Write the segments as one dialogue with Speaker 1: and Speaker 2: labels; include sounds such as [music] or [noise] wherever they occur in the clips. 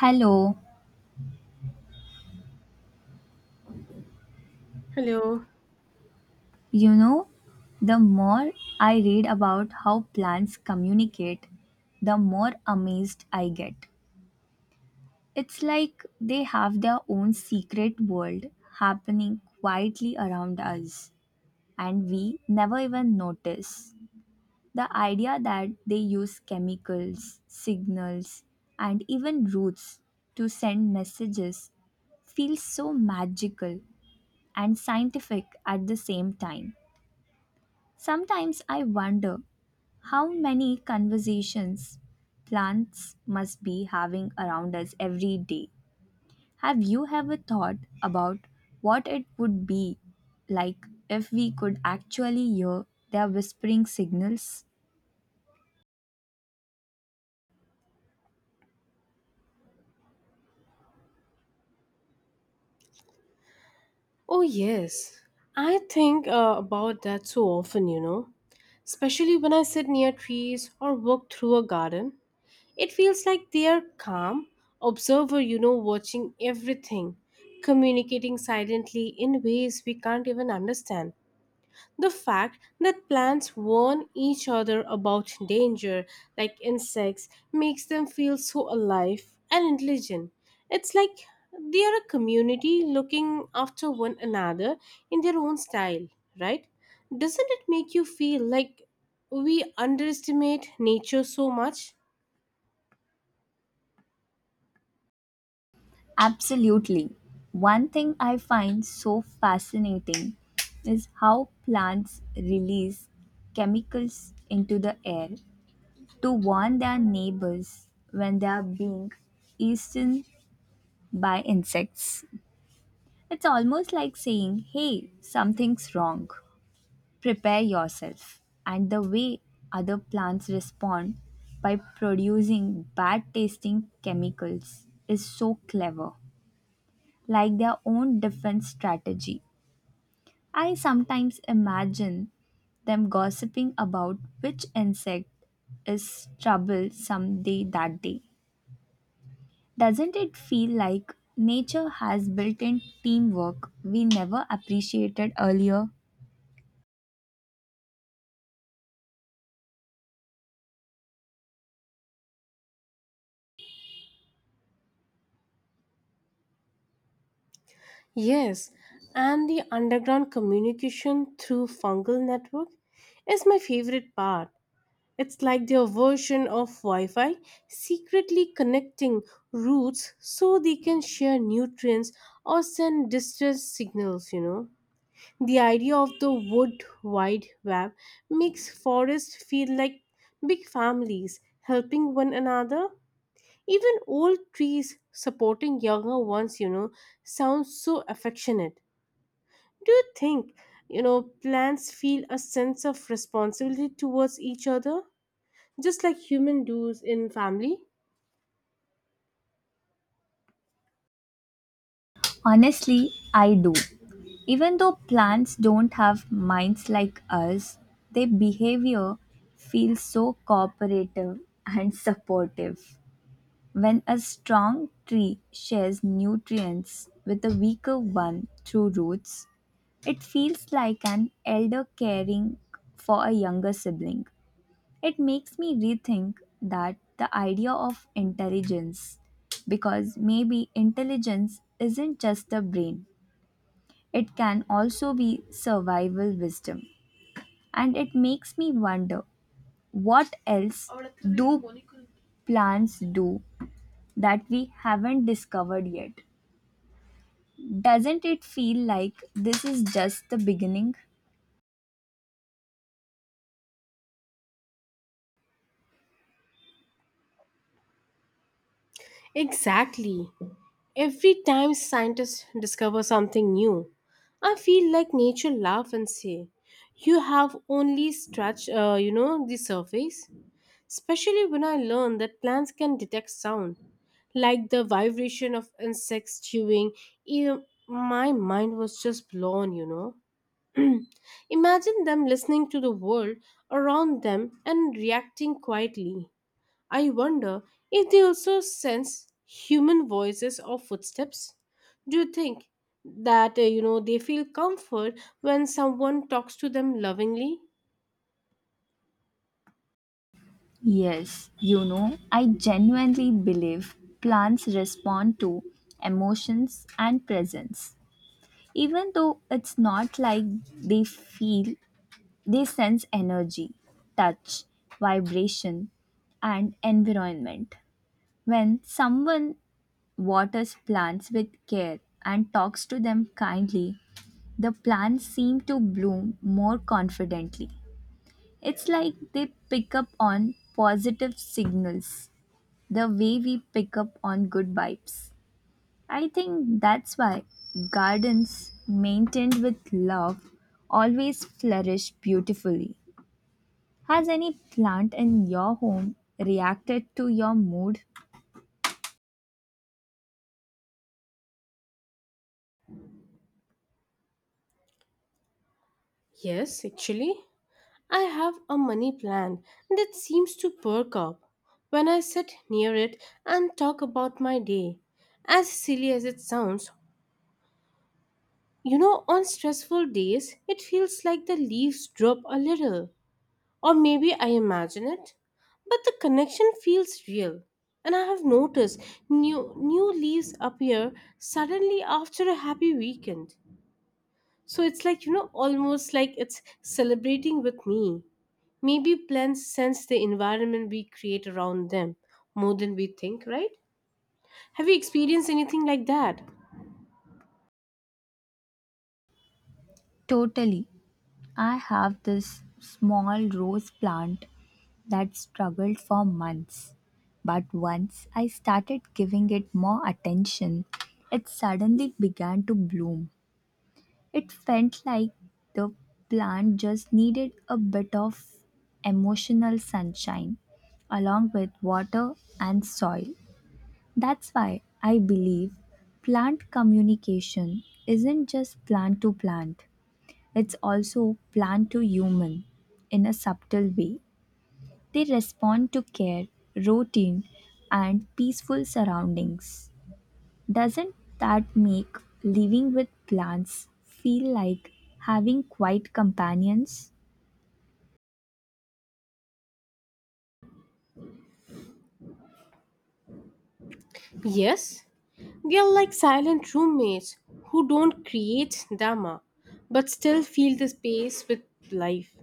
Speaker 1: Hello.
Speaker 2: Hello.
Speaker 1: You know, the more I read about how plants communicate, the more amazed I get. It's like they have their own secret world happening quietly around us, and we never even notice. The idea that they use chemicals, signals, and even roots to send messages feels so magical and scientific at the same time. Sometimes I wonder how many conversations plants must be having around us every day. Have you ever thought about what it would be like if we could actually hear their whispering signals?
Speaker 2: Oh, yes. I think about that, so often, you know, especially when I sit near trees or walk through a garden. It feels like they are calm, observer, you know, watching everything, communicating silently in ways we can't even understand. The fact that plants warn each other about danger, like insects, makes them feel so alive and intelligent. It's like they are a community looking after one another in their own style, right? Doesn't it make you feel like we underestimate nature so much?
Speaker 1: Absolutely. One thing I find so fascinating is how plants release chemicals into the air to warn their neighbors when they are being eaten by insects. It's almost like saying, hey, something's wrong. Prepare yourself. And the way other plants respond by producing bad tasting chemicals is so clever, like their own defense strategy. I sometimes imagine them gossiping about which insect is troublesome day that day. Doesn't it feel like nature has built in teamwork we never appreciated earlier?
Speaker 2: Yes, and the underground communication through fungal network is my favorite part. It's like their version of Wi Fi, secretly connecting routes so they can share nutrients or send distress signals, you know. The idea of the wood wide web makes forests feel like big families helping one another. Even old trees supporting younger ones, you know, sounds so affectionate. Do you think, you know, plants feel a sense of responsibility towards each other? Just like human does in family.
Speaker 1: Honestly, I do. Even though plants don't have minds like us, their behavior feels so cooperative and [laughs] supportive. When a strong tree shares nutrients with a weaker one through roots, it feels like an elder caring for a younger sibling. It makes me rethink that the idea of intelligence because maybe intelligence isn't just the brain, it can also be survival wisdom. And it makes me wonder what else do plants do that we haven't discovered yet? Doesn't it feel like this is just the beginning?
Speaker 2: Exactly. Every time scientists discover something new, I feel like nature laugh and say, "You have only scratched, you know, the surface." Especially when I learn that plants can detect sound, like the vibration of insects chewing. Even my mind was just blown, you know. Imagine them listening to the world around them and reacting quietly. I wonder if they also sense human voices or footsteps. Do you think that you know, they feel comfort when someone talks to them lovingly?
Speaker 1: Yes, you know, I genuinely believe plants respond to emotions and presence. Even though it's not like they feel, they sense energy, touch, vibration, and environment. When someone waters plants with care and talks to them kindly, the plants seem to bloom more confidently. It's like they pick up on positive signals the way we pick up on good vibes. I think that's why gardens maintained with love always flourish beautifully. Has any plant in your home reacted to your mood?
Speaker 2: Yes, actually, I have a money plant that seems to perk up when I sit near it and talk about my day. As silly as it sounds, you know, on stressful days, it feels like the leaves drop a little. Or maybe I imagine it. But the connection feels real. And I have noticed new leaves appear suddenly after a happy weekend. So it's like, you know, almost like it's celebrating with me. Maybe plants sense the environment we create around them more than we think, right? Have you experienced anything like that?
Speaker 1: Totally. I have this small rose plant that struggled for months. But once I started giving it more attention, it suddenly began to bloom. It felt like the plant just needed a bit of emotional sunshine along with water and soil. That's why I believe plant communication isn't just plant to plant, it's also plant to human in a subtle way. They respond to care, routine, and peaceful surroundings. Doesn't that make living with plants feel like having quiet companions?
Speaker 2: Yes, they are like silent roommates who don't create Dharma but still fill the space with life.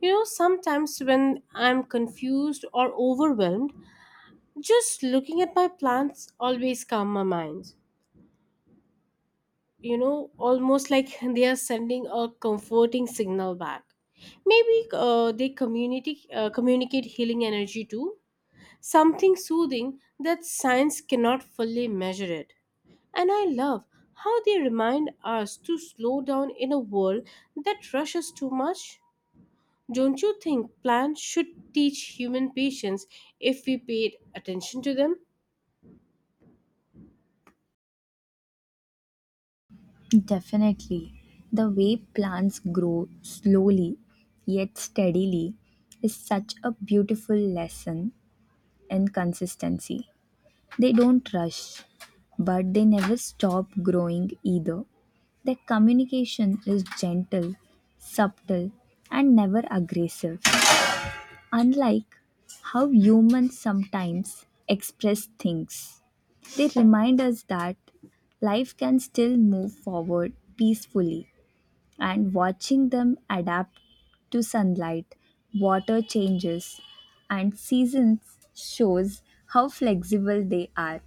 Speaker 2: You know, sometimes when I'm confused or overwhelmed, just looking at my plants always calm my mind. You know, almost like [laughs] they are sending a comforting signal back. Maybe they communicate healing energy too, something soothing that science cannot fully measure it. And I love how they remind us to slow down in a world that rushes too much. Don't you think plants should teach human patience if we paid attention to them?
Speaker 1: Definitely. The way plants grow slowly yet steadily is such a beautiful lesson in consistency. They don't rush, but they never stop growing either. Their communication is gentle, subtle, and never aggressive. Unlike how humans sometimes express things, they remind us that life can still move forward peacefully. And watching them adapt to sunlight, water changes, and seasons shows how flexible they are.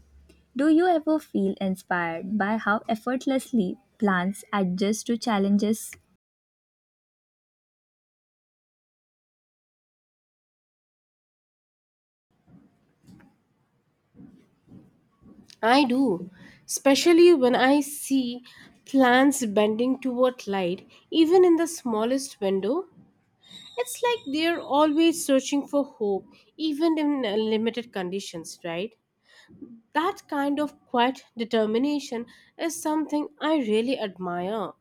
Speaker 1: Do you ever feel inspired by how effortlessly plants adjust to challenges?
Speaker 2: I do, especially when I see plants bending toward light, even in the smallest window. It's like they're always searching for hope, even in limited conditions, right? That kind of quiet determination is something I really admire.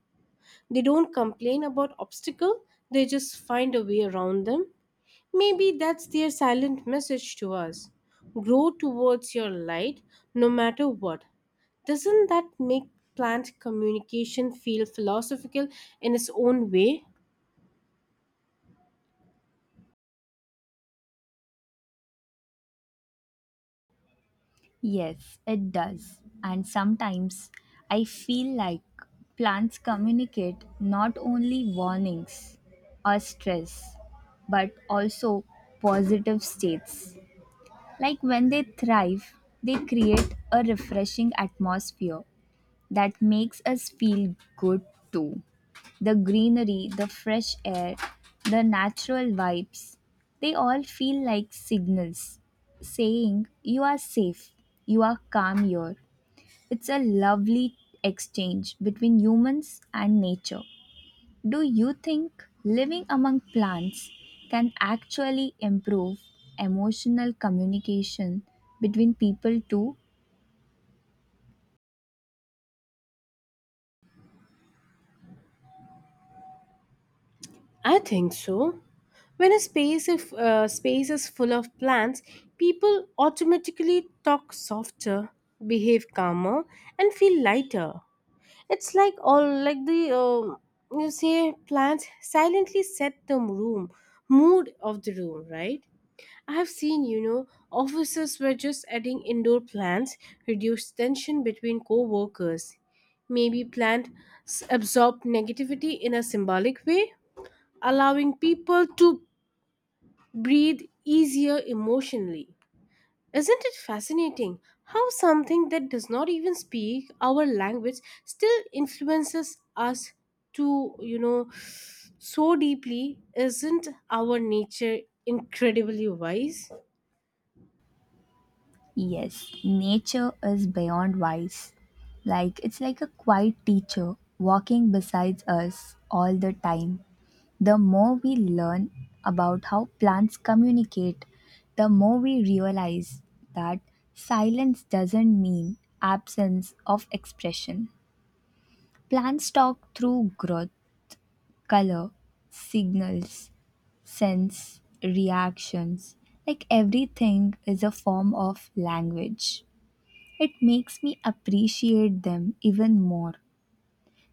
Speaker 2: They don't complain about obstacle, they just find a way around them. Maybe that's their silent message to us. Grow towards your light no matter what. Doesn't that make plant communication feel philosophical in its own way?
Speaker 1: Yes, it does. And sometimes I feel like plants communicate not only warnings or stress, but also positive states. Like when they thrive, they create a refreshing atmosphere that makes us feel good too. The greenery, the fresh air, the natural vibes, they all feel like signals saying you are safe, you are calm here. It's a lovely exchange between humans and nature. Do you think living among plants can actually improve emotional communication between people too?
Speaker 2: I think so. When a space if space is full of plants, people automatically talk softer, behave calmer, and feel lighter. It's like all like the you say plants silently set the room mood of the room, right? I have seen, you know, offices were just adding indoor plants reduce tension between co-workers. Maybe plants absorb negativity in a symbolic way, allowing people to breathe easier emotionally. Isn't it fascinating how something that does not even speak our language still influences us to, you know, so deeply? Isn't our nature incredibly wise?
Speaker 1: Yes, nature is beyond wise. Like it's like a quiet teacher walking beside us all the time. The more we learn about how plants communicate, the more we realize that silence doesn't mean absence of expression. Plants talk through growth, color, signals, sense, reactions. Like everything is a form of language. It makes me appreciate them even more.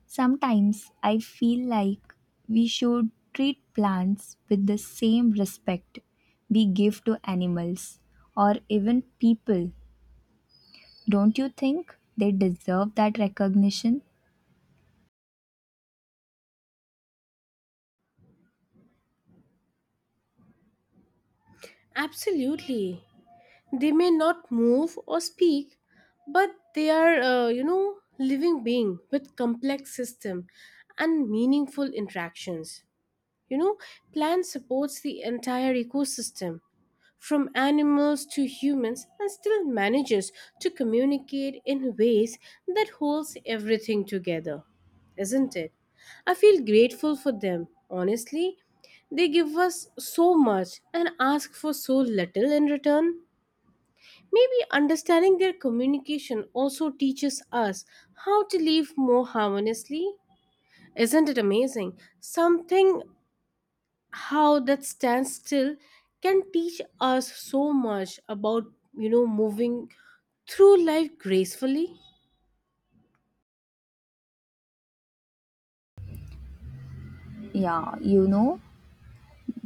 Speaker 1: Sometimes I feel like we should treat plants with the same respect we give to animals or even people. Don't you think they deserve that recognition?
Speaker 2: Absolutely. They may not move or speak, but they are, you know, living being with complex system and meaningful interactions. You know, plant supports the entire ecosystem from animals to humans and still manages to communicate in ways that holds everything together. Isn't it? I feel grateful for them. Honestly, they give us so much and ask for so little in return. Maybe understanding their communication also teaches us how to live more harmoniously. Isn't it amazing? Something how that standstill can teach us so much about, you know, moving through life gracefully.
Speaker 1: Yeah, you know,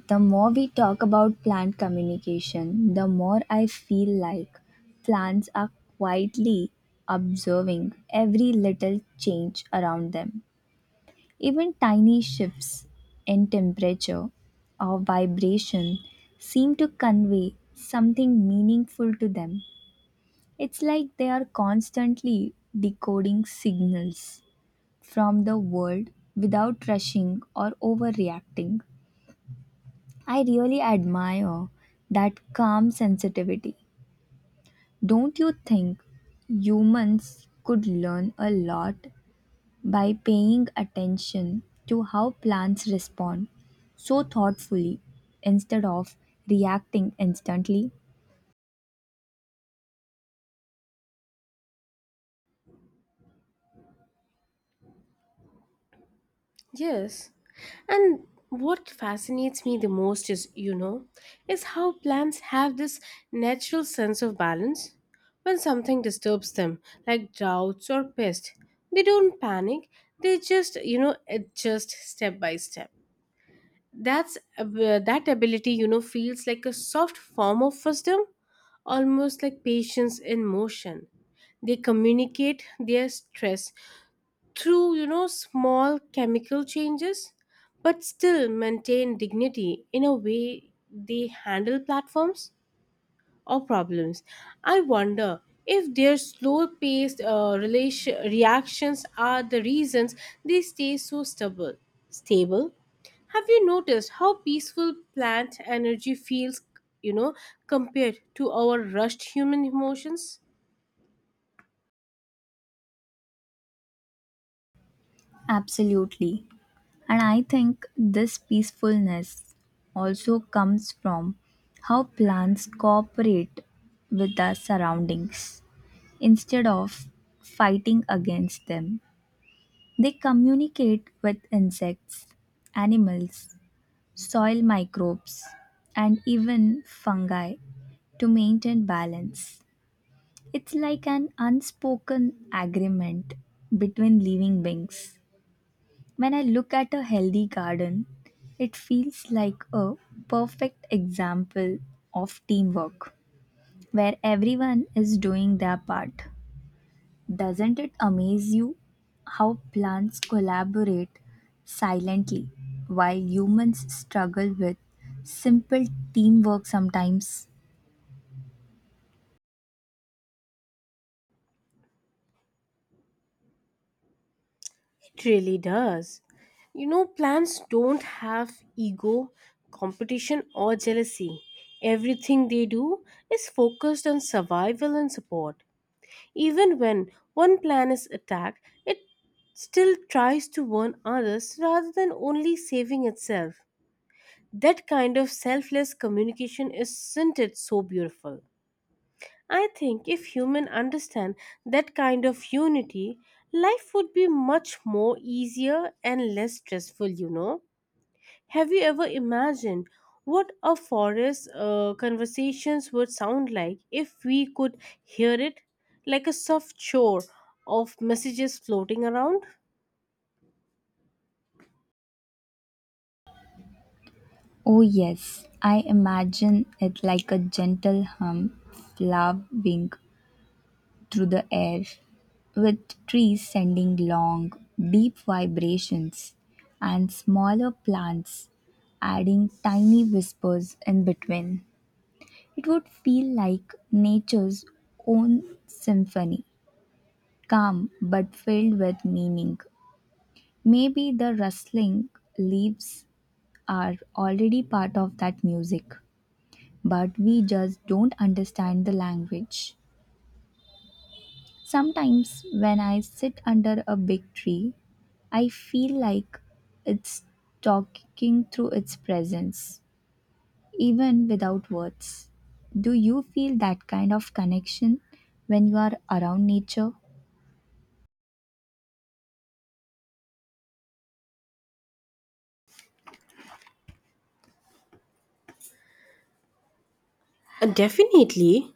Speaker 1: the more we talk about plant communication, the more I feel like plants are quietly observing every little change around them. Even tiny shifts in temperature or vibration seem to convey something meaningful to them. It's like they are constantly decoding signals from the world without rushing or overreacting. I really admire that calm sensitivity. Don't you think humans could learn a lot by paying attention to how plants respond so thoughtfully instead of reacting instantly?
Speaker 2: Yes, and what fascinates me the most is, you know, is how plants have this natural sense of balance. When something disturbs them like droughts or pest, they don't panic, they just, you know, adjust step by step. That ability, you know, feels like a soft form of wisdom, almost like patience in motion. They communicate their stress through, you know, small chemical changes, but still maintain dignity in a way they handle platforms or problems. I wonder if their slow paced reactions are the reasons they stay so stable. Stable? Have you noticed how peaceful plant energy feels, you know, compared to our rushed human emotions?
Speaker 1: Absolutely. And I think this peacefulness also comes from how plants cooperate with their surroundings. Instead of fighting against them, they communicate with insects, animals, soil microbes, and even fungi to maintain balance. It's like an unspoken agreement between living beings. When I look at a healthy garden, it feels like a perfect example of teamwork where everyone is doing their part. Doesn't it amaze you how plants collaborate silently while humans struggle with simple teamwork sometimes?
Speaker 2: It really does. You know, plants don't have ego, competition, or jealousy. Everything they do is focused on survival and support. Even when one plan is attacked, it still tries to warn others rather than only saving itself. That kind of selfless communication, isn't it so beautiful? I think if humans understand that kind of unity, life would be much more easier and less stressful, you know. Have you ever imagined what a forest conversations would sound like if we could hear it, like a soft shore of messages floating around?
Speaker 1: Oh, yes, I imagine it like a gentle hum flowing through the air, with trees sending long, deep vibrations and smaller plants adding tiny whispers in between. It would feel like nature's own symphony, calm but filled with meaning. Maybe the rustling leaves are already part of that music, but we just don't understand the language. Sometimes when I sit under a big tree, I feel like it's talking through its presence, even without words. Do you feel that kind of connection when you are around nature?
Speaker 2: Definitely,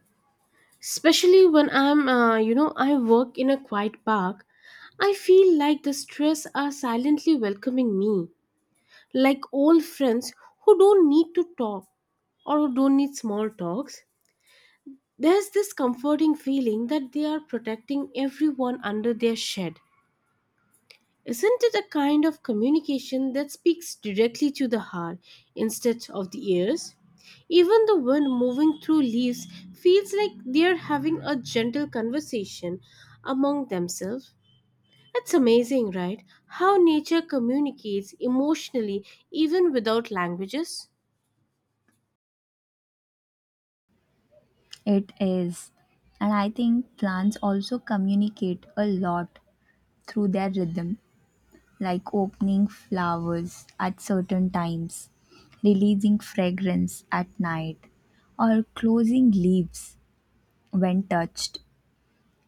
Speaker 2: especially when I'm, you know, I work in a quiet park. I feel like the stress are silently welcoming me, like old friends who don't need to talk or who don't need small talks. There's this comforting feeling that they are protecting everyone under their shed. Isn't it a kind of communication that speaks directly to the heart instead of the ears? Even the wind moving through leaves feels like they're having a gentle conversation among themselves. It's amazing, right? How nature communicates emotionally even without languages.
Speaker 1: It is. And I think plants also communicate a lot through their rhythm, like opening flowers at certain times, releasing fragrance at night, or closing leaves when touched.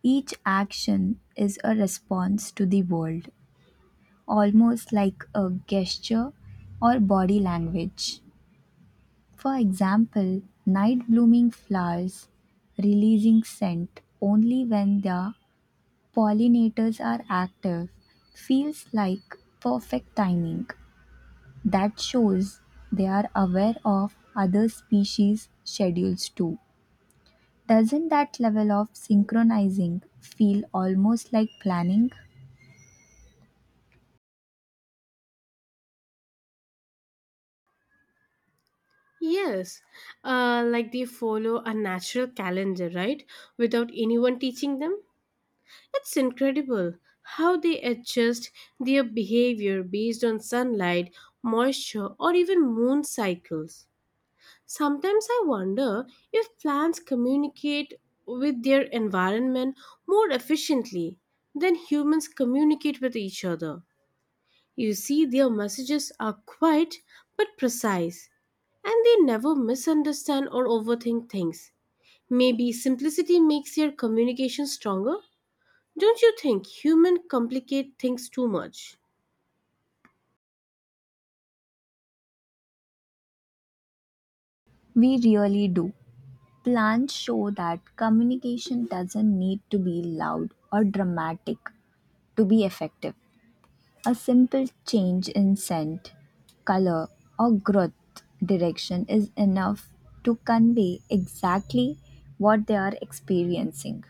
Speaker 1: Each action is a response to the world, almost like a gesture or body language. For example, night-blooming flowers releasing scent only when their pollinators are active feels like perfect timing. That shows they are aware of other species' schedules too. Doesn't that level of synchronizing feel almost like planning?
Speaker 2: Yes, like they follow a natural calendar, right? Without anyone teaching them. It's incredible how they adjust their behavior based on sunlight, moisture, or even moon cycles. Sometimes I wonder if plants communicate with their environment more efficiently than humans communicate with each other. You see, their messages are quiet but precise, and they never misunderstand or overthink things. Maybe simplicity makes their communication stronger? Don't you think humans complicate things too much?
Speaker 1: We really do. Plans show that communication doesn't need to be loud or dramatic to be effective. A simple change in scent, color, or growth direction is enough to convey exactly what they are experiencing.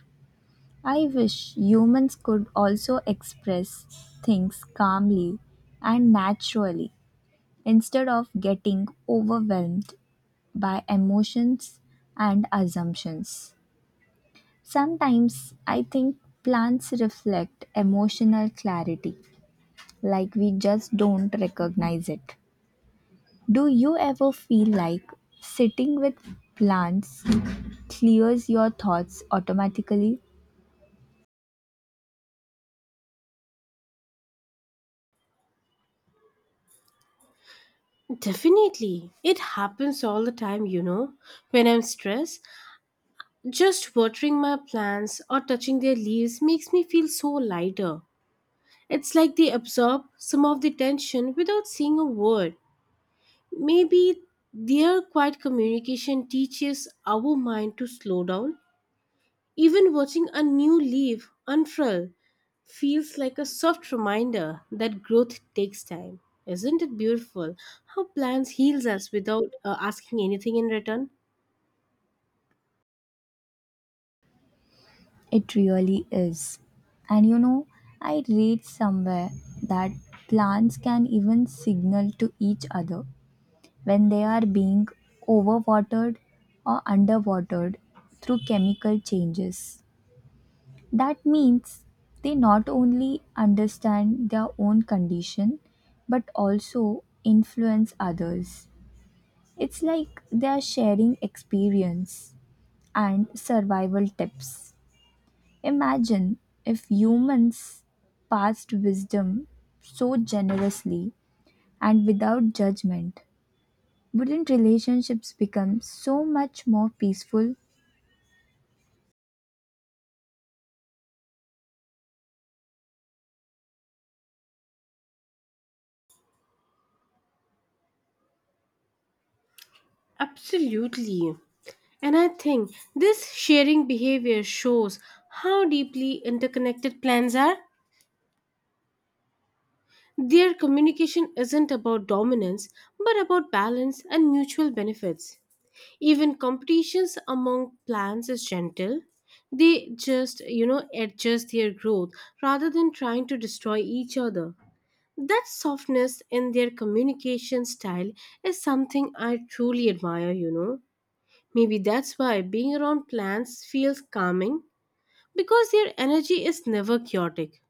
Speaker 1: I wish humans could also express things calmly and naturally instead of getting overwhelmed by emotions and assumptions. Sometimes I think plants reflect emotional clarity like we just don't recognize it. Do you ever feel like sitting with plants clears your thoughts automatically?
Speaker 2: Definitely. It happens all the time, you know. When I'm stressed, just watering my plants or touching their leaves makes me feel so lighter. It's like they absorb some of the tension without saying a word. Maybe their quiet communication teaches our mind to slow down. Even watching a new leaf unfurl feels like a soft reminder that growth takes time. Isn't it beautiful how plants heals us without asking anything in return?
Speaker 1: It really is. And you know, I read somewhere that plants can even signal to each other when they are being overwatered or underwatered through chemical changes. That means they not only understand their own condition but also influence others. It's like they are sharing experience and survival tips. Imagine if humans passed wisdom so generously and without judgment. Wouldn't relationships become so much more peaceful?
Speaker 2: Absolutely. And I think this sharing behavior shows how deeply interconnected plants are. Their communication isn't about dominance, but about balance and mutual benefits. Even competitions among plants is gentle. They just, you know, adjust their growth rather than trying to destroy each other. That softness in their communication style is something I truly admire, you know. Maybe that's why being around plants feels calming, because their energy is never chaotic.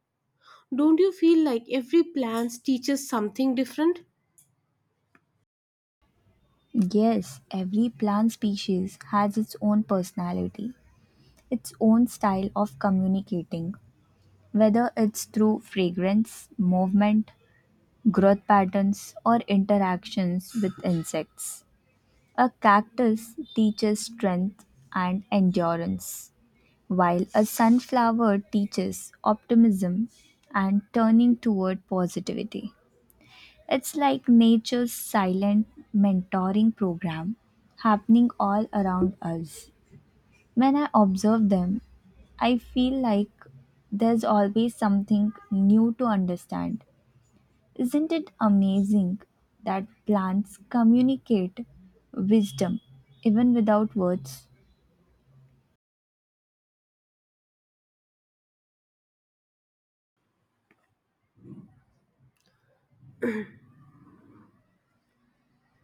Speaker 2: Don't you feel like every plant teaches something different?
Speaker 1: Yes, every plant species has its own personality, its own style of communicating, whether it's through fragrance, movement, growth patterns, or interactions with insects. A cactus teaches strength and endurance, while a sunflower teaches optimism and turning toward positivity. It's like nature's silent mentoring program happening all around us. When I observe them, I feel like there's always something new to understand. Isn't it amazing that plants communicate wisdom even without words?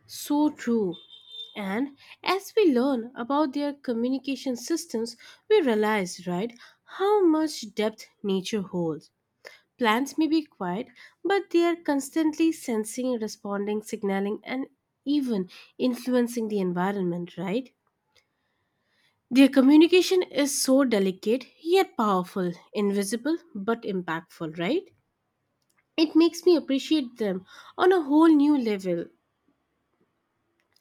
Speaker 2: So true. And as we learn about their communication systems, we realize, right, how much depth nature holds. Plants may be quiet, but they are constantly sensing, responding, signaling, and even influencing the environment, right? Their communication is so delicate yet powerful, invisible but impactful, right? It makes me appreciate them on a whole new level.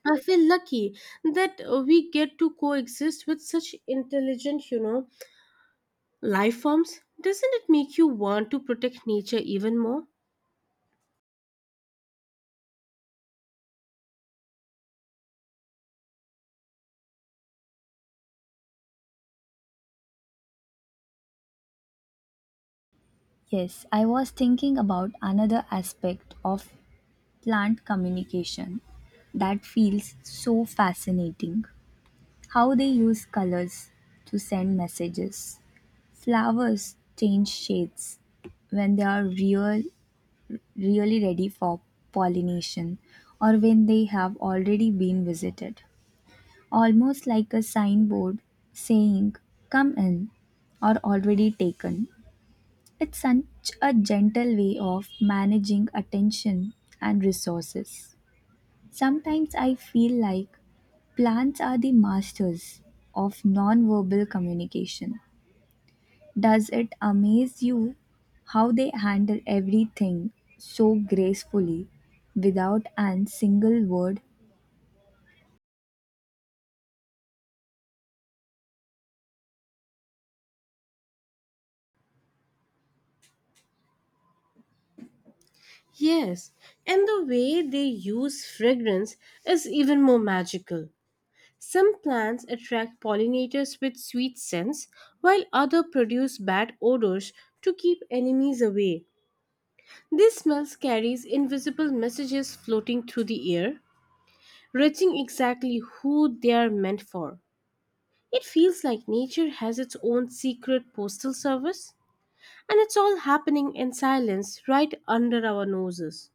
Speaker 2: I feel lucky that we get to coexist with such intelligent, you know, life forms. Doesn't it make you want to protect nature even more?
Speaker 1: Yes, I was thinking about another aspect of plant communication that feels so fascinating. How they use colors to send messages. Flowers change shades when they are really ready for pollination or when they have already been visited, almost like a signboard saying, "Come in," or "already taken." It's such a gentle way of managing attention and resources. Sometimes I feel like plants are the masters of nonverbal communication. Does it amaze you how they handle everything so gracefully without an single word?
Speaker 2: Yes, and the way they use fragrance is even more magical. Some plants attract pollinators with sweet scents, while others produce bad odors to keep enemies away. This smell carries invisible messages floating through the air, reaching exactly who they are meant for. It feels like nature has its own secret postal service, and it's all happening in silence right under our noses.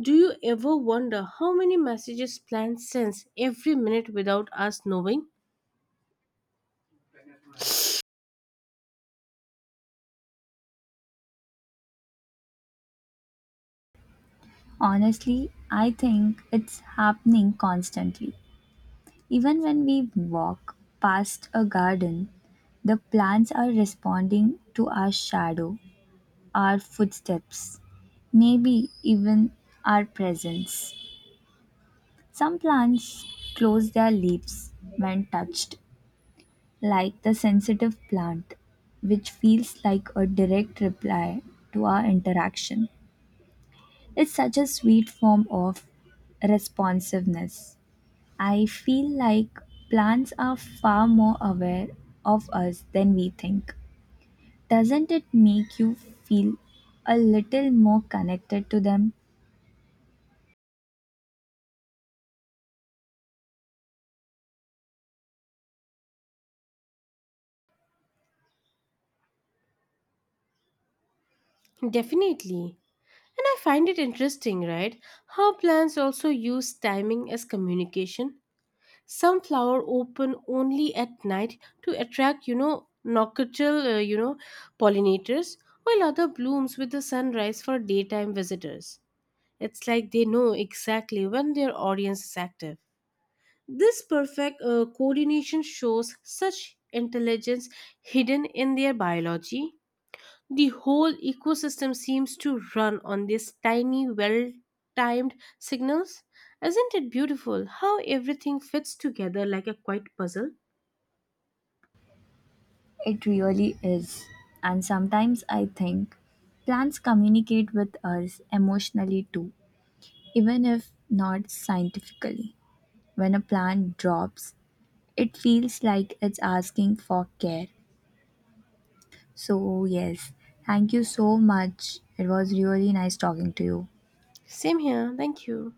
Speaker 2: Do you ever wonder how many messages plants sends every minute without us knowing?
Speaker 1: Honestly, I think it's happening constantly. Even when we walk past a garden, the plants are responding to our shadow, our footsteps, maybe even our presence. Some plants close their leaves when touched, like the sensitive plant, which feels like a direct reply to our interaction. It's such a sweet form of responsiveness. I feel like plants are far more aware of us than we think. Doesn't it make you feel a little more connected to them?
Speaker 2: Definitely. And I find it interesting, right? How plants also use timing as communication. Some flower open only at night to attract, you know, nocturnal you know, pollinators, while other blooms with the sunrise for daytime visitors. It's like they know exactly when their audience is active. This perfect coordination shows such intelligence hidden in their biology. The whole ecosystem seems to run on these tiny, well timed signals. Isn't it beautiful how everything fits together like a quiet puzzle?
Speaker 1: It really is. And sometimes I think plants communicate with us emotionally too, even if not scientifically. When a plant drops, it feels like it's asking for care. So, yes, thank you so much. It was really nice talking to you.
Speaker 2: Same here, thank you.